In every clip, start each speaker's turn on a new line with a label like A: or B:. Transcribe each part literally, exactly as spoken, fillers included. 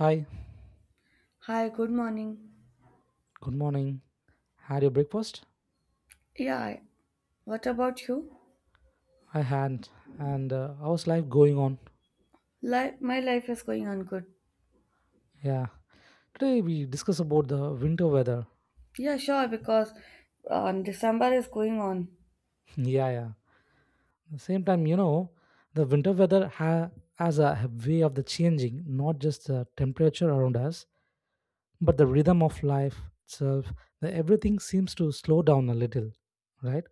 A: Hi,
B: Hi, good morning.
A: good morning. Had your breakfast?
B: Yeah, I- what about you?
A: I had. And uh, how's life going on?
B: Life, my life is going on good.
A: Yeah. Today we discuss about the winter weather.
B: Yeah, sure, because um, December is going on.
A: yeah, yeah. the same time, you know, the winter weather ha- has a way of the changing, not just the temperature around us, but the rhythm of life itself. The, everything seems to slow down a little, right?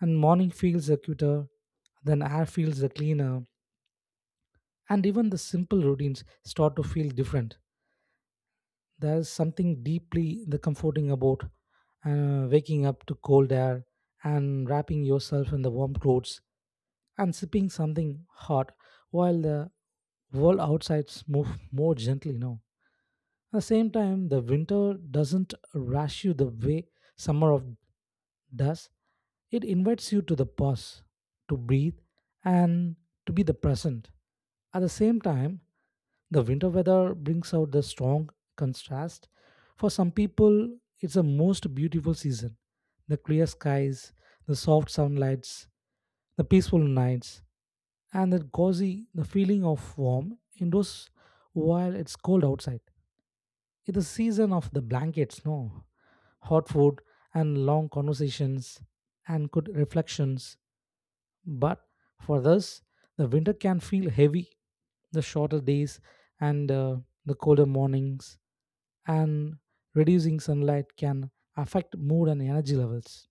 A: And morning feels the cuter, then air feels the cleaner, and even the simple routines start to feel different. There's something deeply the comforting about uh, waking up to cold air and wrapping yourself in the warm clothes and sipping something hot while the world outside moves more gently now. At the same time, the winter doesn't rush you the way summer of does. It invites you to the pause, to breathe, and to be the present. At the same time, the winter weather brings out the strong contrast. For some people, it's the most beautiful season. The clear skies, the soft sunlights, the peaceful nights, and the cozy, the feeling of warm indoors while it's cold outside. It's the season of the blankets, no? Hot food and long conversations and good reflections but for us, the winter can feel heavy. The shorter days and uh, the colder mornings and reducing sunlight can affect mood and energy levels.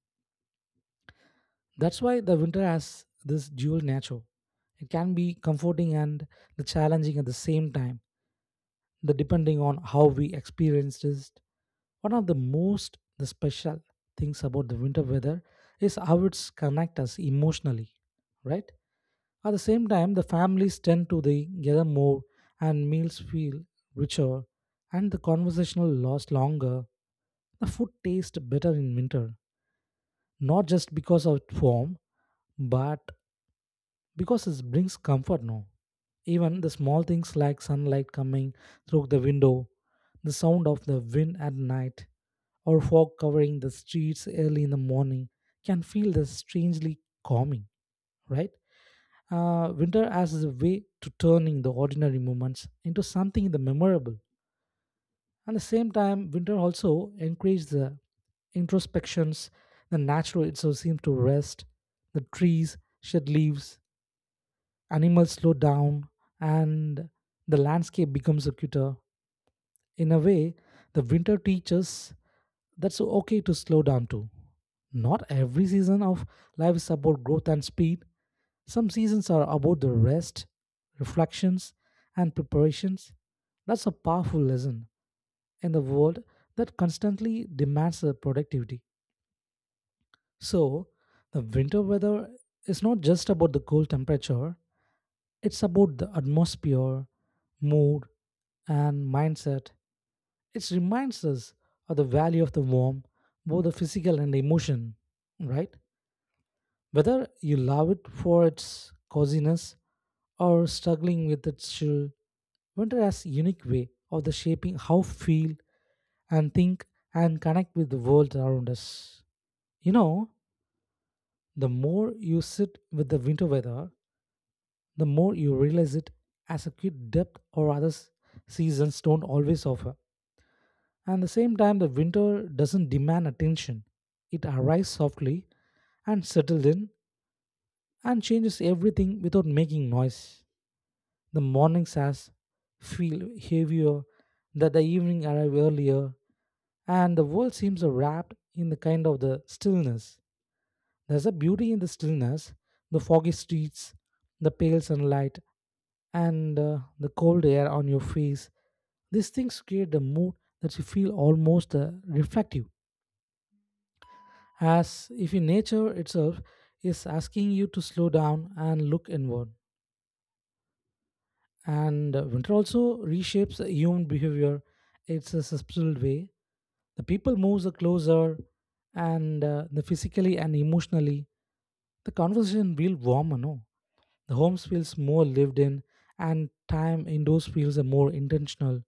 A: That's why the winter has this dual nature. It can be comforting and the challenging at the same time, the depending on how we experienced it. One of the most the special things about the winter weather is how it's connect us emotionally, right? At the same time, the families tend to the- gather more, and meals feel richer, and the conversational lasts longer. The food tastes better in winter, not just because of its form, but because it brings comfort now. Even the small things like sunlight coming through the window, the sound of the wind at night, or fog covering the streets early in the morning can feel the strangely calming, right? Uh, winter as a way to turning the ordinary moments into something the memorable. At the same time, winter also encourages the introspections. The natural itself seems to rest. The trees shed leaves. Animals slow down, and the landscape becomes acuter. In a way, the winter teaches that's okay to slow down too. Not every season of life is about growth and speed. Some seasons are about the rest, reflections, and preparations. That's a powerful lesson in the world that constantly demands the productivity. So, the winter weather is not just about the cold temperature, it's about the atmosphere, mood, and mindset. It reminds us of the value of the warm, both the physical and the emotion, right? Whether you love it for its coziness or struggling with its chill, winter has a unique way of the shaping how feel and think and connect with the world around us. You know, the more you sit with the winter weather, the more you realize it as a kid depth or other s- seasons don't always offer. And the same time, the winter doesn't demand attention. It arrives softly and settles in and changes everything without making noise. The mornings as feel heavier, that the evening arrive earlier, and the world seems wrapped in the kind of the stillness. There's a beauty in the stillness, the foggy streets, the pale sunlight, and uh, the cold air on your face. These things create the mood that you feel almost uh, reflective, as if in nature itself is asking you to slow down and look inward. and uh, winter also reshapes the human behavior. It's a subtle way. The people moves closer and uh, the physically and emotionally, the conversation feel warmer, no? The homes feels more lived in, and time indoors feels uh, more intentional.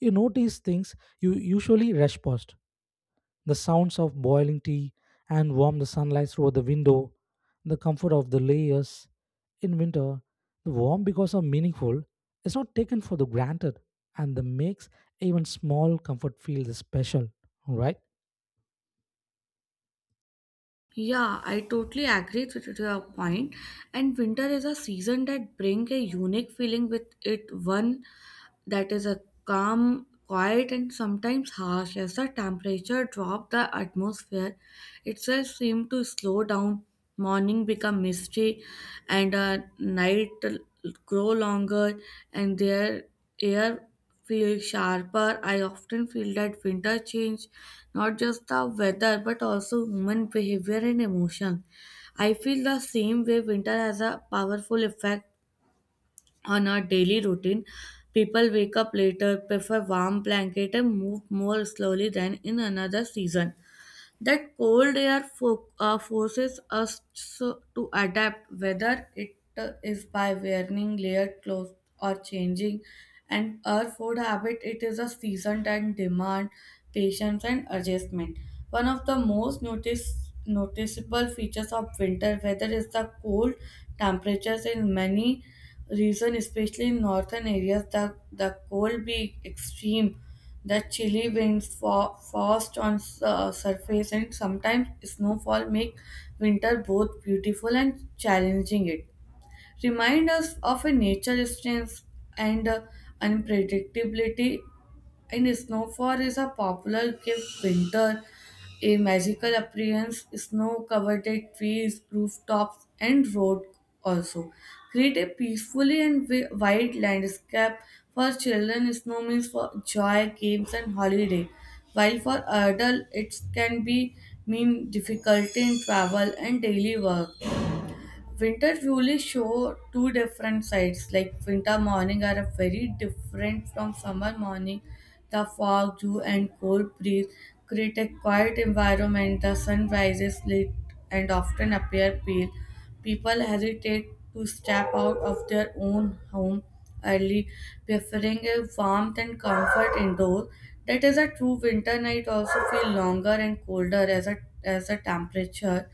A: You notice things you usually rush past, the sounds of boiling tea and warm the sunlight through the window, the comfort of the layers. In winter, the warm because of meaningful is not taken for the granted, and the makes even small comfort feels special, right?
B: Yeah, I totally agree with your point. And winter is a season that bring a unique feeling with it, one that is a calm, quiet, and sometimes harsh. As the temperature drop, the atmosphere itself seem to slow down. Morning become misty, and uh, night l- grow longer, and their air feel sharper. I often feel that winter change not just the weather but also human behavior and emotion. I feel the same way winter has a powerful effect on our daily routine. People wake up later, prefer warm blanket and move more slowly than in another season. That cold air fo- uh, forces us so- to adapt, whether it uh, is by wearing layered clothes or changing. And our food habit, it is a season and demand patience and adjustment. One of the most notice, noticeable features of winter weather is the cold temperatures in many regions, especially in northern areas. The, the cold be extreme, the chilly winds, fo- frost on su- uh, surface, and sometimes snowfall make winter both beautiful and challenging. It remind us of a nature strength and uh, unpredictability. And snowfall is a popular gift winter, a magical appearance, snow-covered trees, rooftops, and road also. Create a peacefully and wi- wide landscape for children. Snow means for joy, games, and holiday. While for adult, it can be mean difficulty in travel and daily work. Winter truly show two different sides. Like winter morning are a very different from summer morning. The fog, dew, and cold breeze create a quiet environment. The sun rises late and often appear pale. People hesitate to step out of their own home early, preferring a warmth and comfort indoors. That is a true winter night also feel longer and colder as a as a temperature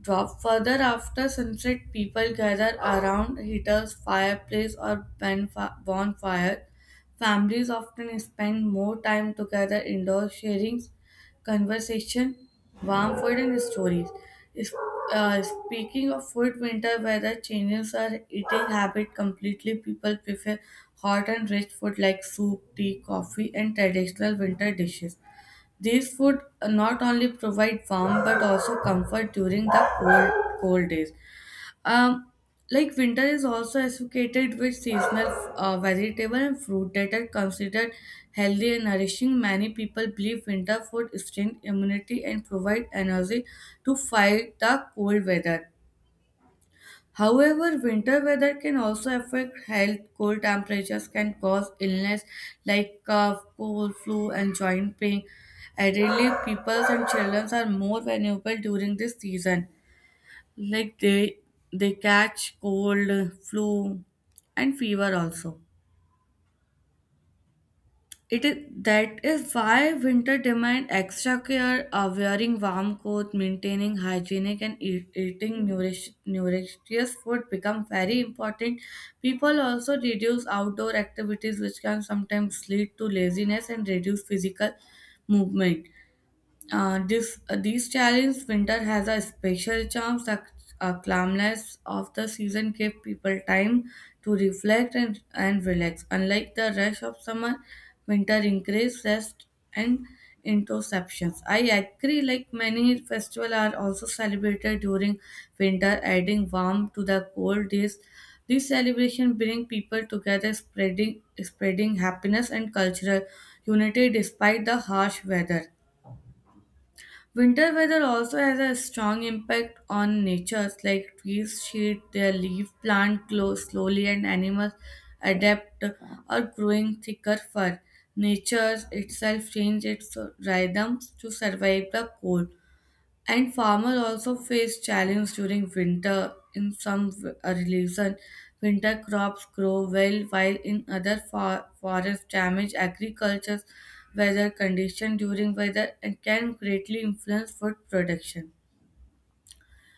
B: drop. Further after sunset, people gather around heaters, fireplace, or bonfi- bonfire. Families often spend more time together indoors, sharing conversation, warm food, and stories. Is- uh, speaking of food, winter weather changes our eating habit completely. People prefer hot and rich food like soup, tea, coffee, and traditional winter dishes. These food not only provide warmth but also comfort during the cold cold days. Um, like winter is also associated with seasonal uh, vegetable and fruit that are considered healthy and nourishing. Many people believe winter food strengthens immunity and provide energy to fight the cold weather. However, winter weather can also affect health. Cold temperatures can cause illness like cough, cold, flu, and joint pain. Elderly people and children are more vulnerable during this season. Like they they catch cold, flu, and fever also. It is that is why winter demand extra care, uh, wearing warm coat, maintaining hygienic and eat, eating nourish, nutritious food become very important. People also reduce outdoor activities, which can sometimes lead to laziness and reduce physical movement. Uh, this, uh, these challenges, winter has a special charm. The uh, calmness of the season gives people time to reflect and, and relax. Unlike the rush of summer, winter increases rest and introspections. I agree, like many festivals are also celebrated during winter, adding warmth to the cold days. These celebrations bring people together, spreading spreading happiness and cultural unity despite the harsh weather. Winter weather also has a strong impact on natures like trees shed their leaf, plant grow slowly, and animals adapt or growing thicker fur. Nature itself changes its rhythms to survive the cold. And farmers also face challenge during winter. In some w- uh, regions, winter crops grow well, while in other for- forests damage agriculture. Weather condition during weather and can greatly influence food production.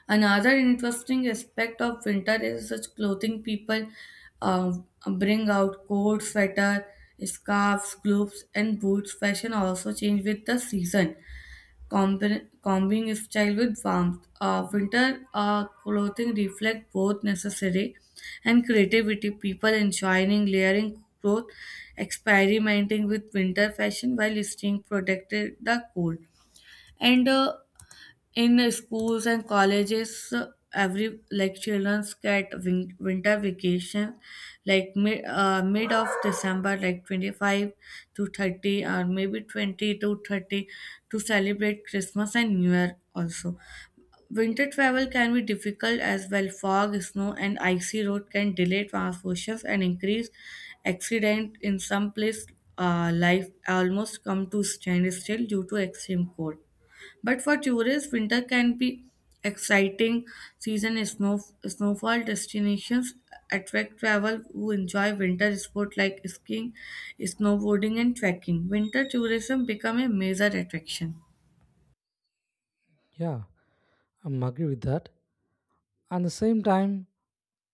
B: Another interesting aspect of winter is such clothing people uh, bring out coats, sweater, scarves, gloves, and boots. Fashion also change with the season. Combi- combing if style with warmth. Uh, winter uh, clothing reflect both necessary and creativity. People enjoying layering clothes, experimenting with winter fashion while staying protected the cold. And uh, in uh, schools and colleges uh, every like children get win- winter vacation like mid uh, mid of December like twenty-five to thirty, or maybe twenty to thirty, to celebrate Christmas and New Year also. Winter travel can be difficult as well. Fog, snow, and icy road can delay transportations and increase accident in some place. uh, life almost come to stand still due to extreme cold, but for tourists, winter can be exciting season is snow snowfall destinations attract travel who enjoy winter sport like skiing, snowboarding, and trekking. Winter tourism become a major attraction.
A: Yeah, I'm agree with that. At the same time,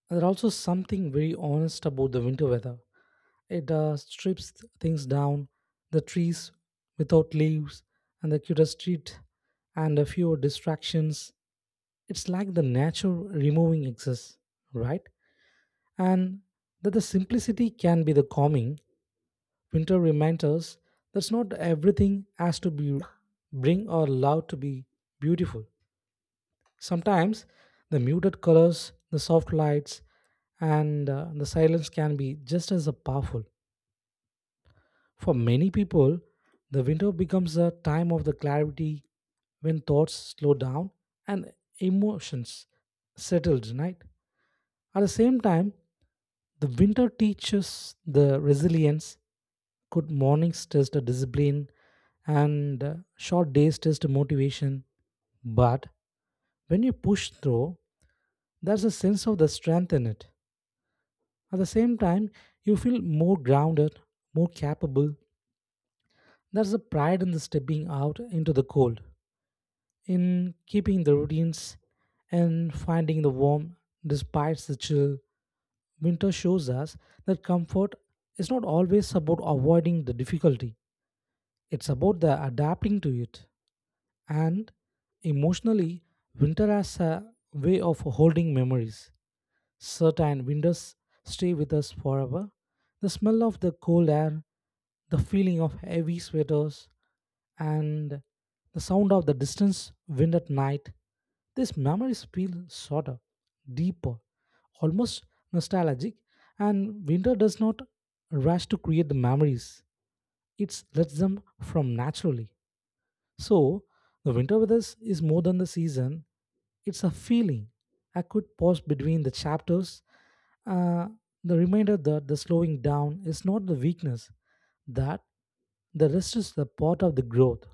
A: there's also something very honest about the winter weather. It uh, strips things down, the trees without leaves, and the cuter street, and a few distractions. It's like the nature removing excess, right? And that the simplicity can be the calming. Winter reminds us that's not everything has to be bring or loud to be beautiful. Sometimes the muted colors, the soft lights, and uh, the silence can be just as powerful. For many people, the winter becomes a time of the clarity when thoughts slow down and emotions settled, right? At the same time, the winter teaches the resilience. Good mornings test the discipline and uh, short days test the motivation. But when you push through, there's a sense of the strength in it. At the same time, you feel more grounded, more capable. There's a pride in the stepping out into the cold, in keeping the routines and finding the warm despite the chill. Winter shows us that comfort is not always about avoiding the difficulty, it's about the adapting to it. And emotionally, winter has a way of holding memories. Certain winters stay with us forever. The smell of the cold air, the feeling of heavy sweaters, and the sound of the distance wind at night. These memories feel shorter, deeper, almost nostalgic, and winter does not rush to create the memories. It lets them from naturally. So, the winter with us is more than the season, it's a feeling. I could pause between the chapters. Uh, the reminder that the slowing down is not the weakness, that the rest is the part of the growth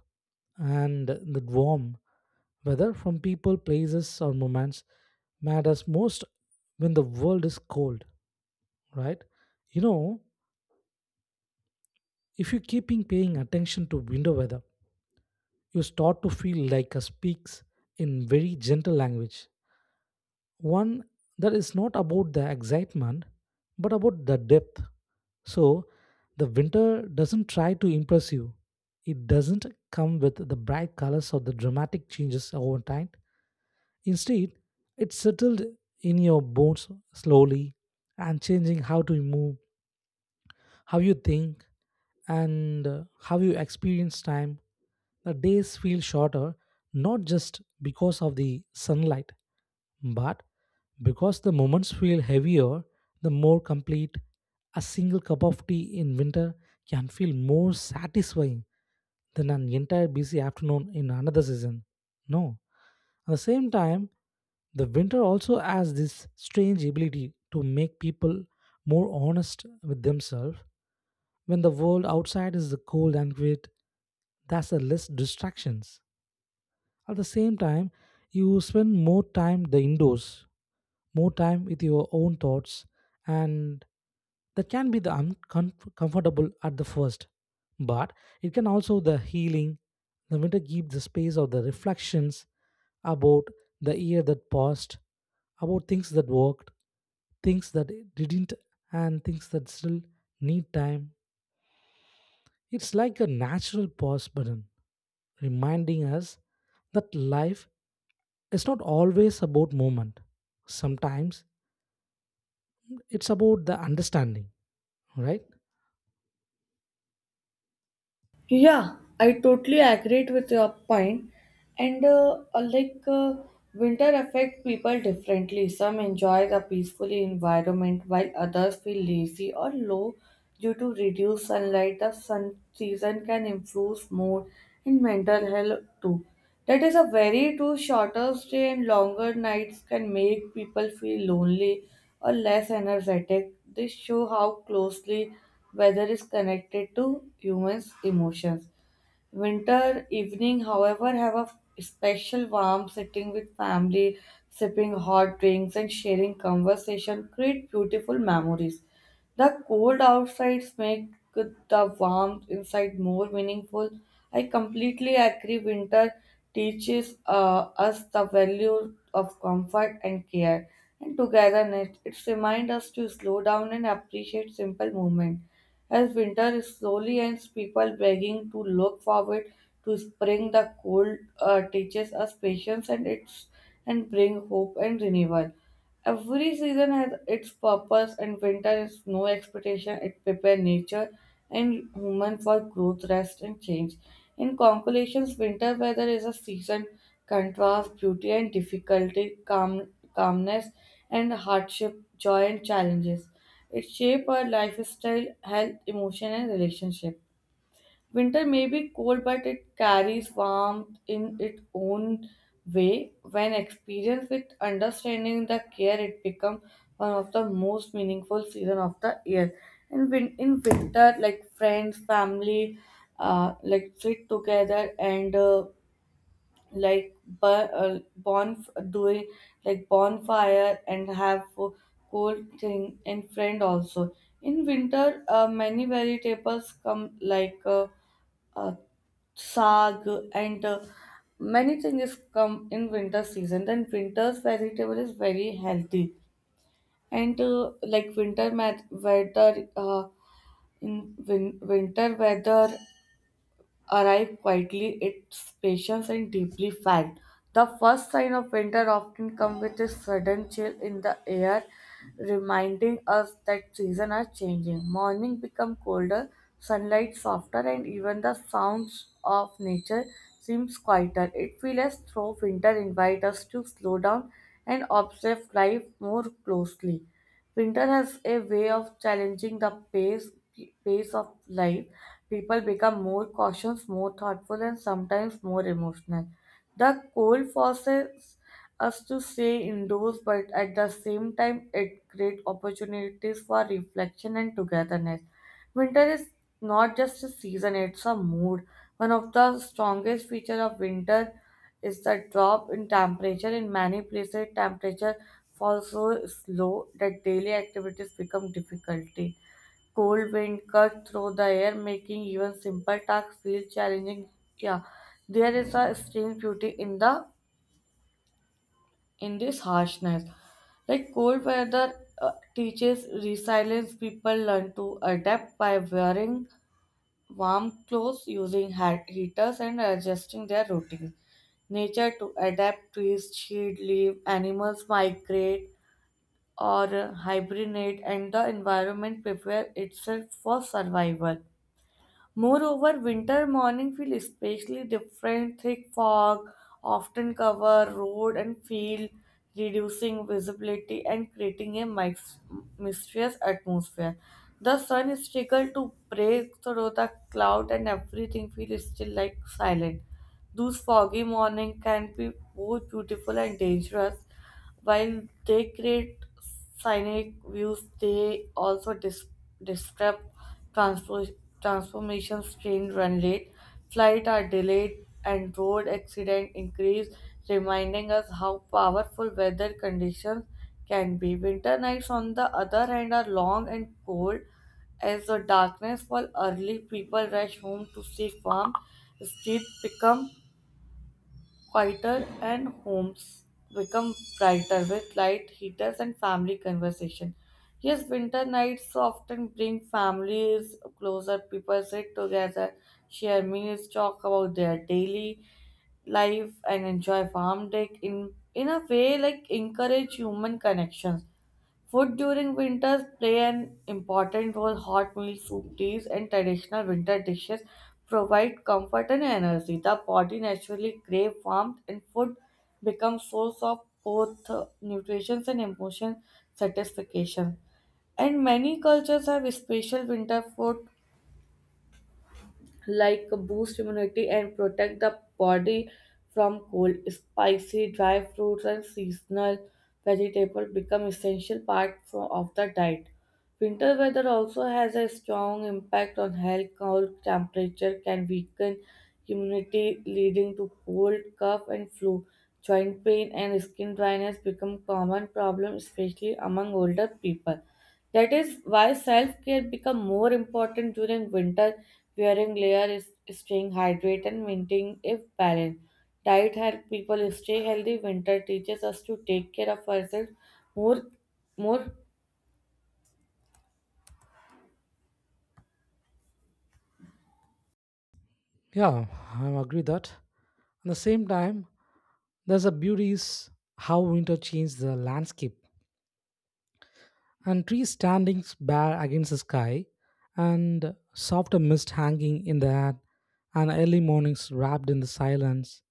A: and the warm, whether from people, places, or moments, matters most when the world is cold, right? You know, if you keeping paying attention to window weather, you start to feel like a speaks in very gentle language, one that is not about the excitement but about the depth. So the winter doesn't try to impress you. It doesn't come with the bright colors or the dramatic changes over time. Instead, it settled in your bones slowly and changing how to move, how you think, and uh, how you experience time. The days feel shorter not just because of the sunlight, but because the moments feel heavier, the more complete. A single cup of tea in winter can feel more satisfying than an entire busy afternoon in another season. No. At the same time, the winter also has this strange ability to make people more honest with themselves when the world outside is cold and great, that's a less distractions. At the same time, you spend more time the indoors, more time with your own thoughts, and that can be the uncomfortable at the first, but it can also the healing. The winter gives the space of the reflections about the year that passed, about things that worked, things that didn't, and things that still need time. It's like a natural pause button, reminding us that life is not always about movement. Sometimes it's about the understanding, right?
B: Yeah, I totally agree with your point. And uh, uh, like uh, Winter affects people differently. Some enjoy the peaceful environment while others feel lazy or low due to reduced sunlight. The sun season can influence mood and mental health too. That is a very true. Shorter stay and longer nights can make people feel lonely or less energetic. This show how closely weather is connected to humans' emotions. Winter evening, however, have a special warmth sitting with family, sipping hot drinks and sharing conversation create beautiful memories. The cold outsides make the warmth inside more meaningful. I completely agree. Winter teaches uh, us the value of comfort and care and togetherness. It reminds us to slow down and appreciate simple moments. As winter is slowly ends, people begging to look forward to spring. The cold uh, teaches us patience and it's and bring hope and renewal. Every season has its purpose, and winter is no expectation. It prepares nature and human for growth, rest, and change. In conclusions, winter weather is a season contrast beauty and difficulty, calm, calmness and hardship, joy and challenges. It shapes our lifestyle, health, emotion, and relationship. Winter may be cold, but it carries warmth in its own way. When experienced with understanding the care, it becomes one of the most meaningful season of the year. And win- in winter, like friends, family, uh, like sit together and uh, like bu- uh, bon doing like bonfire and have uh, cold thing and friend also. In winter, uh, many vegetables come like. Uh, uh, Sag and uh, many things come in winter season, then winter's vegetable is very healthy and uh, like winter mat- weather uh, in win- winter weather arrive quietly, it's patient and deeply felt. The first sign of winter often comes with a sudden chill in the air, reminding us that seasons are changing. Morning become colder, sunlight softer, and even the sounds of nature seems quieter. It feels as though winter invites us to slow down and observe life more closely. Winter has a way of challenging the pace, pace of life. People become more cautious, more thoughtful, and sometimes more emotional. The cold forces us to stay indoors, but at the same time, it creates opportunities for reflection and togetherness. Winter is not just a season, it's a mood. One of the strongest features of winter is the drop in temperature. In many places, temperature falls so slow that daily activities become difficult. Cold wind cut through the air, making even simple tasks feel challenging. Yeah, there is a strange beauty in the in this harshness. Like cold weather uh, teaches resilience, people learn to adapt by wearing warm clothes, using hat heaters, and adjusting their routines. Nature to adapt, trees shade, leaf, animals migrate or hibernate, and the environment prepare itself for survival. Moreover, winter morning feel especially different. Thick fog often cover road and field, reducing visibility and creating a mys- mysterious atmosphere. The sun is struggled to break through the cloud, and everything feels still like silent. Those foggy morning can be both beautiful and dangerous while they create scenic views, they also dis- disrupt transpo- transformations train run late, flight are delayed, and road accident increase, reminding us how powerful weather conditions can be. Winter nights, on the other hand, are long and cold. As the darkness falls early, people rush home to seek warmth. Streets become quieter and homes become brighter with light heaters and family conversation. Yes, winter nights often bring families closer. People sit together, share meals, talk about their daily life, and enjoy farm day in in a way like encourage human connections. Food during winters play an important role. Hot meals, soup, teas, and traditional winter dishes provide comfort and energy. The body naturally craves warmth, and food becomes source of both uh, nutrition and emotion satisfaction. And many cultures have special winter food like boost immunity and protect the body from cold. Spicy dry fruits and seasonal vegetables become essential part fro- of the diet. Winter weather also has a strong impact on health. Cold temperature can weaken immunity, leading to cold, cough, and flu. Joint pain and skin dryness become common problems, especially among older people. That is why self care become more important during winter. Wearing layer is staying hydrated and maintaining a balance. Diet helps people stay healthy. Winter teaches us to take care of ourselves more, more.
A: Yeah, I agree that. At the same time, there's a beauty is how winter changed the landscape and trees standing bare against the sky and softer mist hanging in the air and early mornings wrapped in the silence.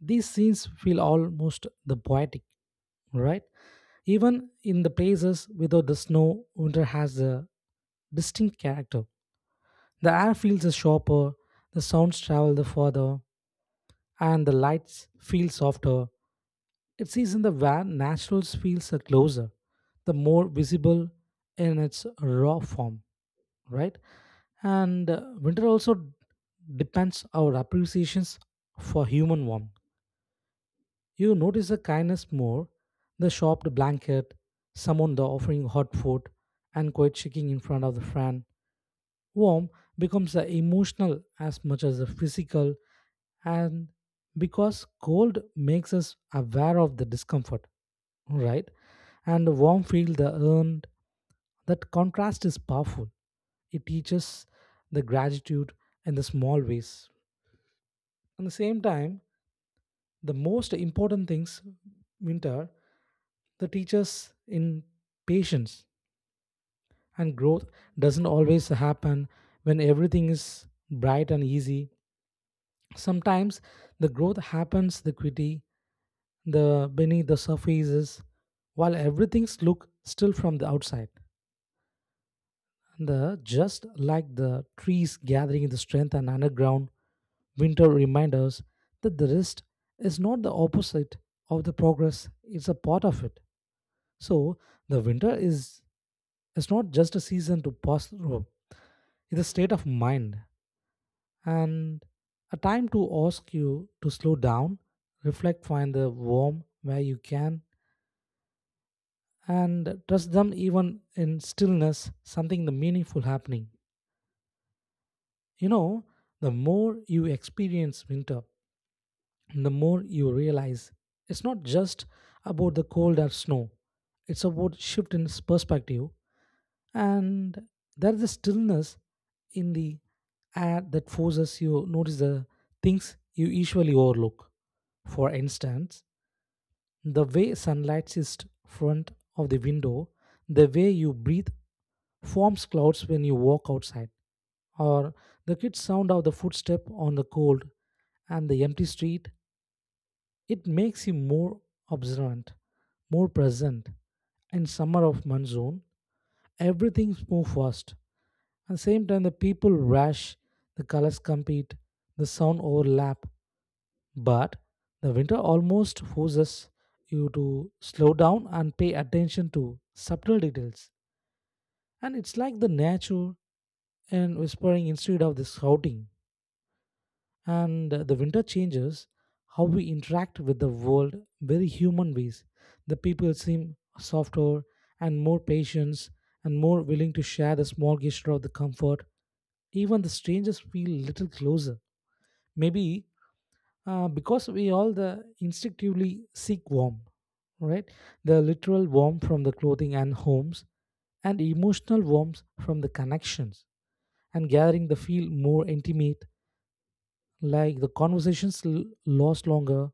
A: These scenes feel almost the poetic, right? Even in the places without the snow, winter has a distinct character. The air feels sharper, the sounds travel the further, and the lights feel softer. It's in the where naturals feels are closer, the more visible in its raw form, right? And uh, winter also depends our appreciations for human warmth. You notice the kindness more, the shopped blanket, someone the offering hot food, and quiet shaking in front of the fan. Warmth becomes the emotional as much as the physical, and because cold makes us aware of the discomfort, right? And the warm feel the earned, that contrast is powerful. It teaches the gratitude in the small ways. At the same time, the most important things winter the teachers in patience and growth doesn't always happen when everything is bright and easy. Sometimes the growth happens the quickly the beneath the surfaces while everything's look still from the outside, the just like the trees gathering the strength and underground. Winter reminds us that the rest is not the opposite of the progress, it's a part of it. So the winter is, it's not just a season to pass through, it's a state of mind and a time to ask you to slow down, reflect, find the warm where you can, and trust them even in stillness, something the meaningful happening. You know, the more you experience winter, the more you realize it's not just about the cold or snow, it's about shift in perspective. And there's a stillness in the air that forces you notice the things you usually overlook. For instance, the way sunlight is front of the window, the way you breathe forms clouds when you walk outside, or the kids sound of the footstep on the cold and the empty street. It makes you more observant, more present. In summer of monsoon, everything moves fast. At the same time, the people rush, the colors compete, the sound overlap, but the winter almost forces you to slow down and pay attention to subtle details. And it's like the nature and whispering instead of the shouting. And uh, the winter changes how we interact with the world very human ways. The people seem softer and more patient and more willing to share the small gesture of the comfort. Even the strangers feel little closer, maybe uh, because we all the instinctively seek warmth, right? The literal warmth from the clothing and homes and emotional warmth from the connections and gathering the feel more intimate, like the conversations l- last longer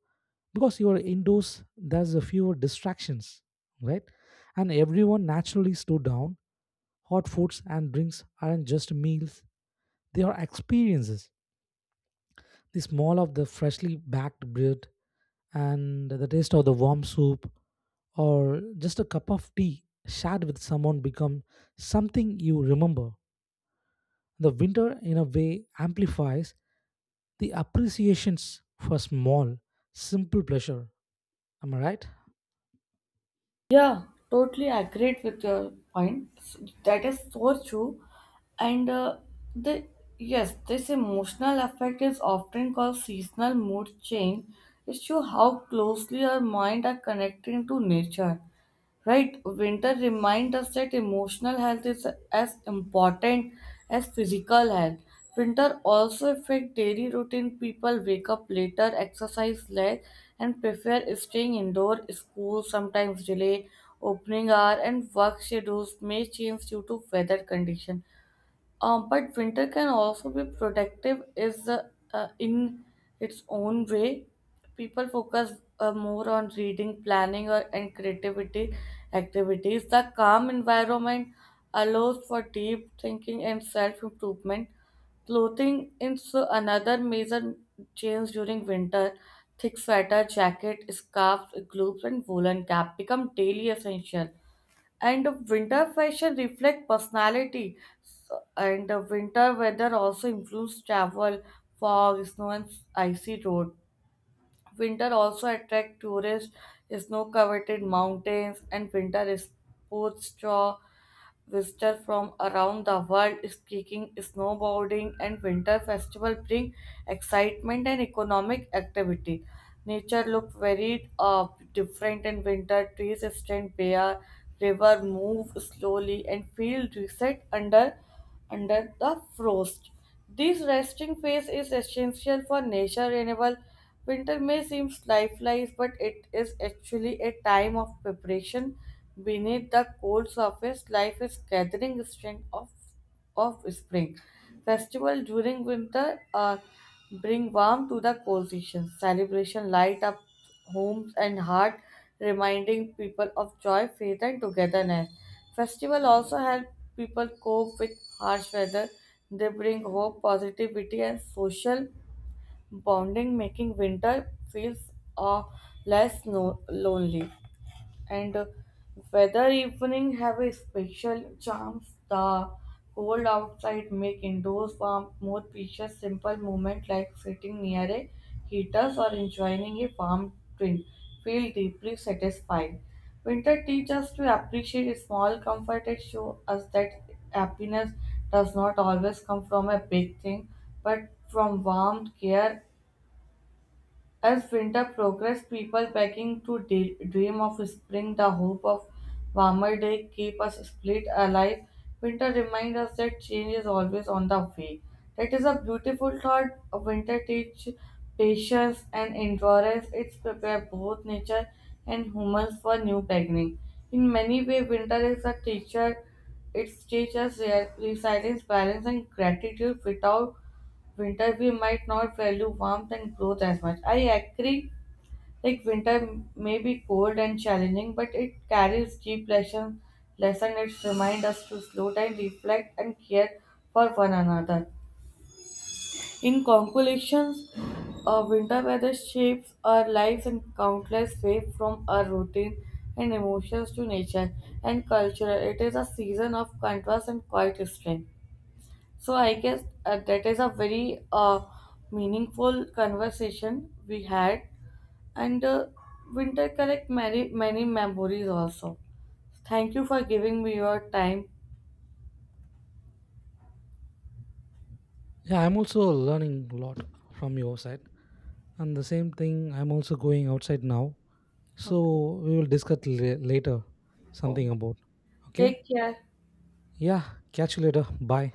A: because you are indoors, there's a fewer distractions, right? And everyone naturally slow down. Hot foods and drinks aren't just meals, they are experiences. The smell of the freshly baked bread and the taste of the warm soup or just a cup of tea shared with someone become something you remember. The winter, in a way, amplifies the appreciations for small, simple pleasure. Am I right?
B: Yeah, totally agreed with your point. That is so true. And uh, the yes, this emotional effect is often called seasonal mood change. It shows how closely our mind are connecting to nature. Right? Winter reminds us that emotional health is as important as physical health. Winter also affects daily routine. People wake up later, exercise less, and prefer staying indoor. School sometimes delay opening hour, and work schedules may change due to weather condition. Um, but winter can also be productive is uh, uh, in its own way. People focus uh, more on reading, planning, or and creativity activities. The calm environment allows for deep thinking and self-improvement. Clothing is another major change during winter. Thick sweater, jacket, scarves, gloves, and woolen cap become daily essential, and winter fashion reflect personality. So- and the winter weather also influence travel, fog, snow, and icy road. Winter also attract tourists, snow-covered mountains, and winter sports draw visitors from around the world. Skiing, snowboarding, and winter festival bring excitement and economic activity. Nature look very uh, different in winter. Trees stand bare, river move slowly, and feel reset under under the frost. This resting phase is essential for nature renewal. Winter may seem lifeless, but it is actually a time of preparation. Beneath the cold surface, life is gathering strength of, of spring. Festival during winter uh, bring warmth to the cold season. Celebration light up homes and heart, reminding people of joy, faith, and togetherness. Festival also help people cope with harsh weather. They bring hope, positivity, and social bonding, making winter feels uh, less no- lonely and uh, weather evening have a special charm. The cold outside make indoors warm more precious, simple moment like sitting near a heaters or enjoying a warm drink feel deeply satisfied. Winter teaches us to appreciate small comfort and show us that happiness does not always come from a big thing, but from warmth, care, as winter progressed, people began to de- dream of spring. The hope of warmer day keep us split alive. Winter reminds us that change is always on the way. That is a beautiful thought. Winter teach patience and endurance. It prepare both nature and humans for new beginning. In many ways, winter is a teacher. It teaches resilience, balance, and gratitude. Without winter we might not value warmth and growth as much. I agree, like winter may be cold and challenging but it carries deep lesson lesson It reminds us to slow down, reflect and care for one another. In conclusions, uh, winter weather shapes our lives in countless ways, from our routine and emotions to nature and culture. It is a season of contrast and quiet strength. So I guess uh, that is a very uh, meaningful conversation we had, and uh, winter collect many many memories also. Thank you for giving me your time.
A: Yeah, I'm also learning a lot from your side. And the same thing, I'm also going outside now.
B: Okay,
A: So we will discuss la- later something about. Okay?
B: take care.
A: Yeah, catch you later. Bye.